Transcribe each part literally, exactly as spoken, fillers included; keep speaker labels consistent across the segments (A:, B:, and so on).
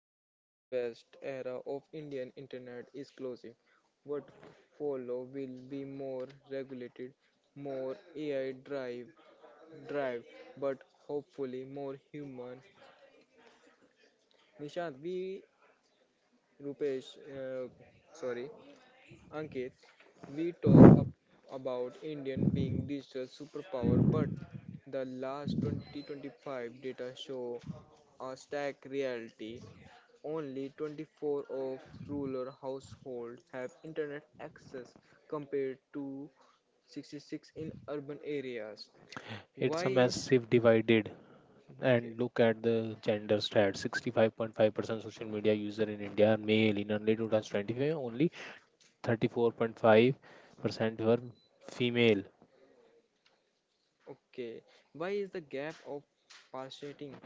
A: World West era of Indian internet is closing. What follow will be more regulated, more A I drive, drive, but hopefully more human. Nishant, we, Rupesh, uh, sorry, Ankit, we talk ab- about Indian being digital superpower, but the last twenty twenty-five data show a stark reality. Only twenty-four of rural households have internet access compared to sixty-six in urban areas.
B: It's
A: Why
B: a
A: is
B: massive divided.
A: Okay?
B: And look at the gender stats sixty-five point five percent social media user in India are male. In early two thousand twenty-five, only thirty-four point five percent were female.
A: Okay. Why is the gap of partiating?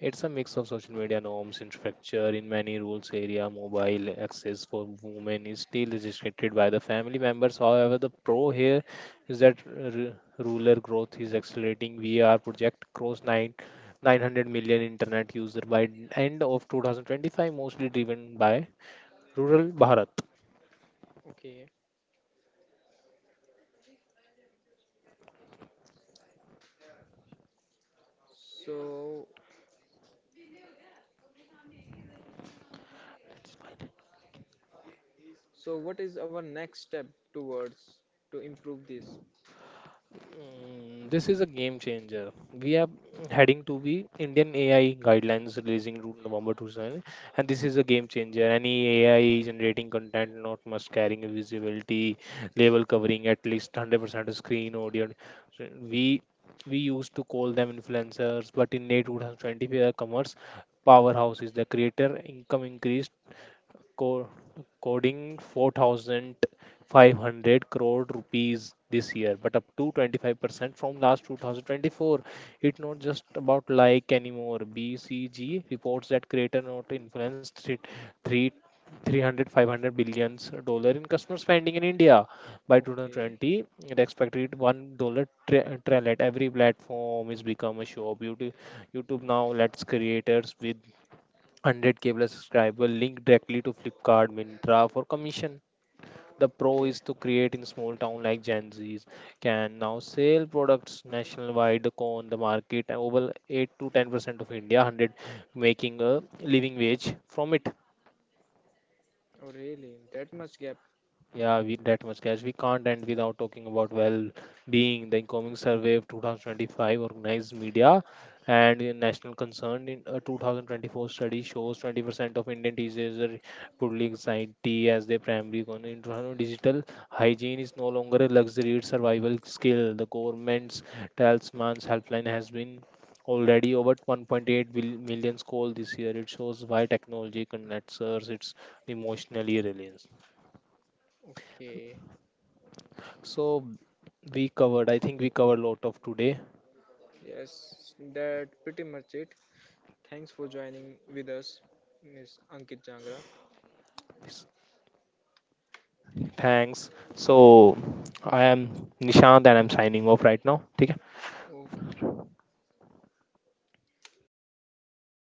B: It's a mix of social media norms, infrastructure in many rural area, mobile access for women is still restricted by the family members. However, the pro here is that r- rural growth is accelerating. V R project crossed nine, 900 million internet user by end of two thousand twenty-five, mostly driven by rural Bharat.
A: Okay. So so what is our next step towards to improve this?
B: Mm, This is a game changer. We are heading to the Indian A I guidelines releasing route November two thousand, and this is a
A: Okay.
B: game changer. Any A I generating content not must carrying a visibility level covering at least one hundred percent of screen audio. So We we used to call them influencers, but in late twenty twenty, we are commerce powerhouses. The creator income increased co- coding four thousand five hundred crore rupees this year, but up to twenty-five percent from last two thousand twenty-four. It's not just about like anymore. B C G reports that creator not influenced three, three 300 dollar in customer spending in India by
A: Okay.
B: two thousand twenty. It expected one dollar tra- trend. Every platform is become a show beauty. YouTube now lets creators with one hundred k plus subscriber link directly to Flipkart, Mintra for commission. The pro
A: Okay.
B: is to create in small town like Gen Z's can now sell products nationwide on the market, and over eight to ten percent of India one hundred making a living wage from it.
A: Oh really? That much gap.
B: Yeah, we, that much cash. We can't end without talking about well being. The incoming survey of two thousand twenty-five organized media and in national concern in a two thousand twenty-four study shows twenty percent of Indian teenagers are reportedly anxiety as their primary concern. In twenty twenty-five, digital hygiene is no longer a luxury, it's survival skill. The government's talisman's helpline has been already over one point eight bil- million calls this year. It shows why technology connects us, it's emotionally reliant.
A: Okay.
B: So we covered, I think we covered a lot of today.
A: Yes, that pretty much it. Thanks for joining with us, Miss Ankit Jangra.
B: Thanks. So I am Nishant and I'm signing off right now. Okay.
A: Okay.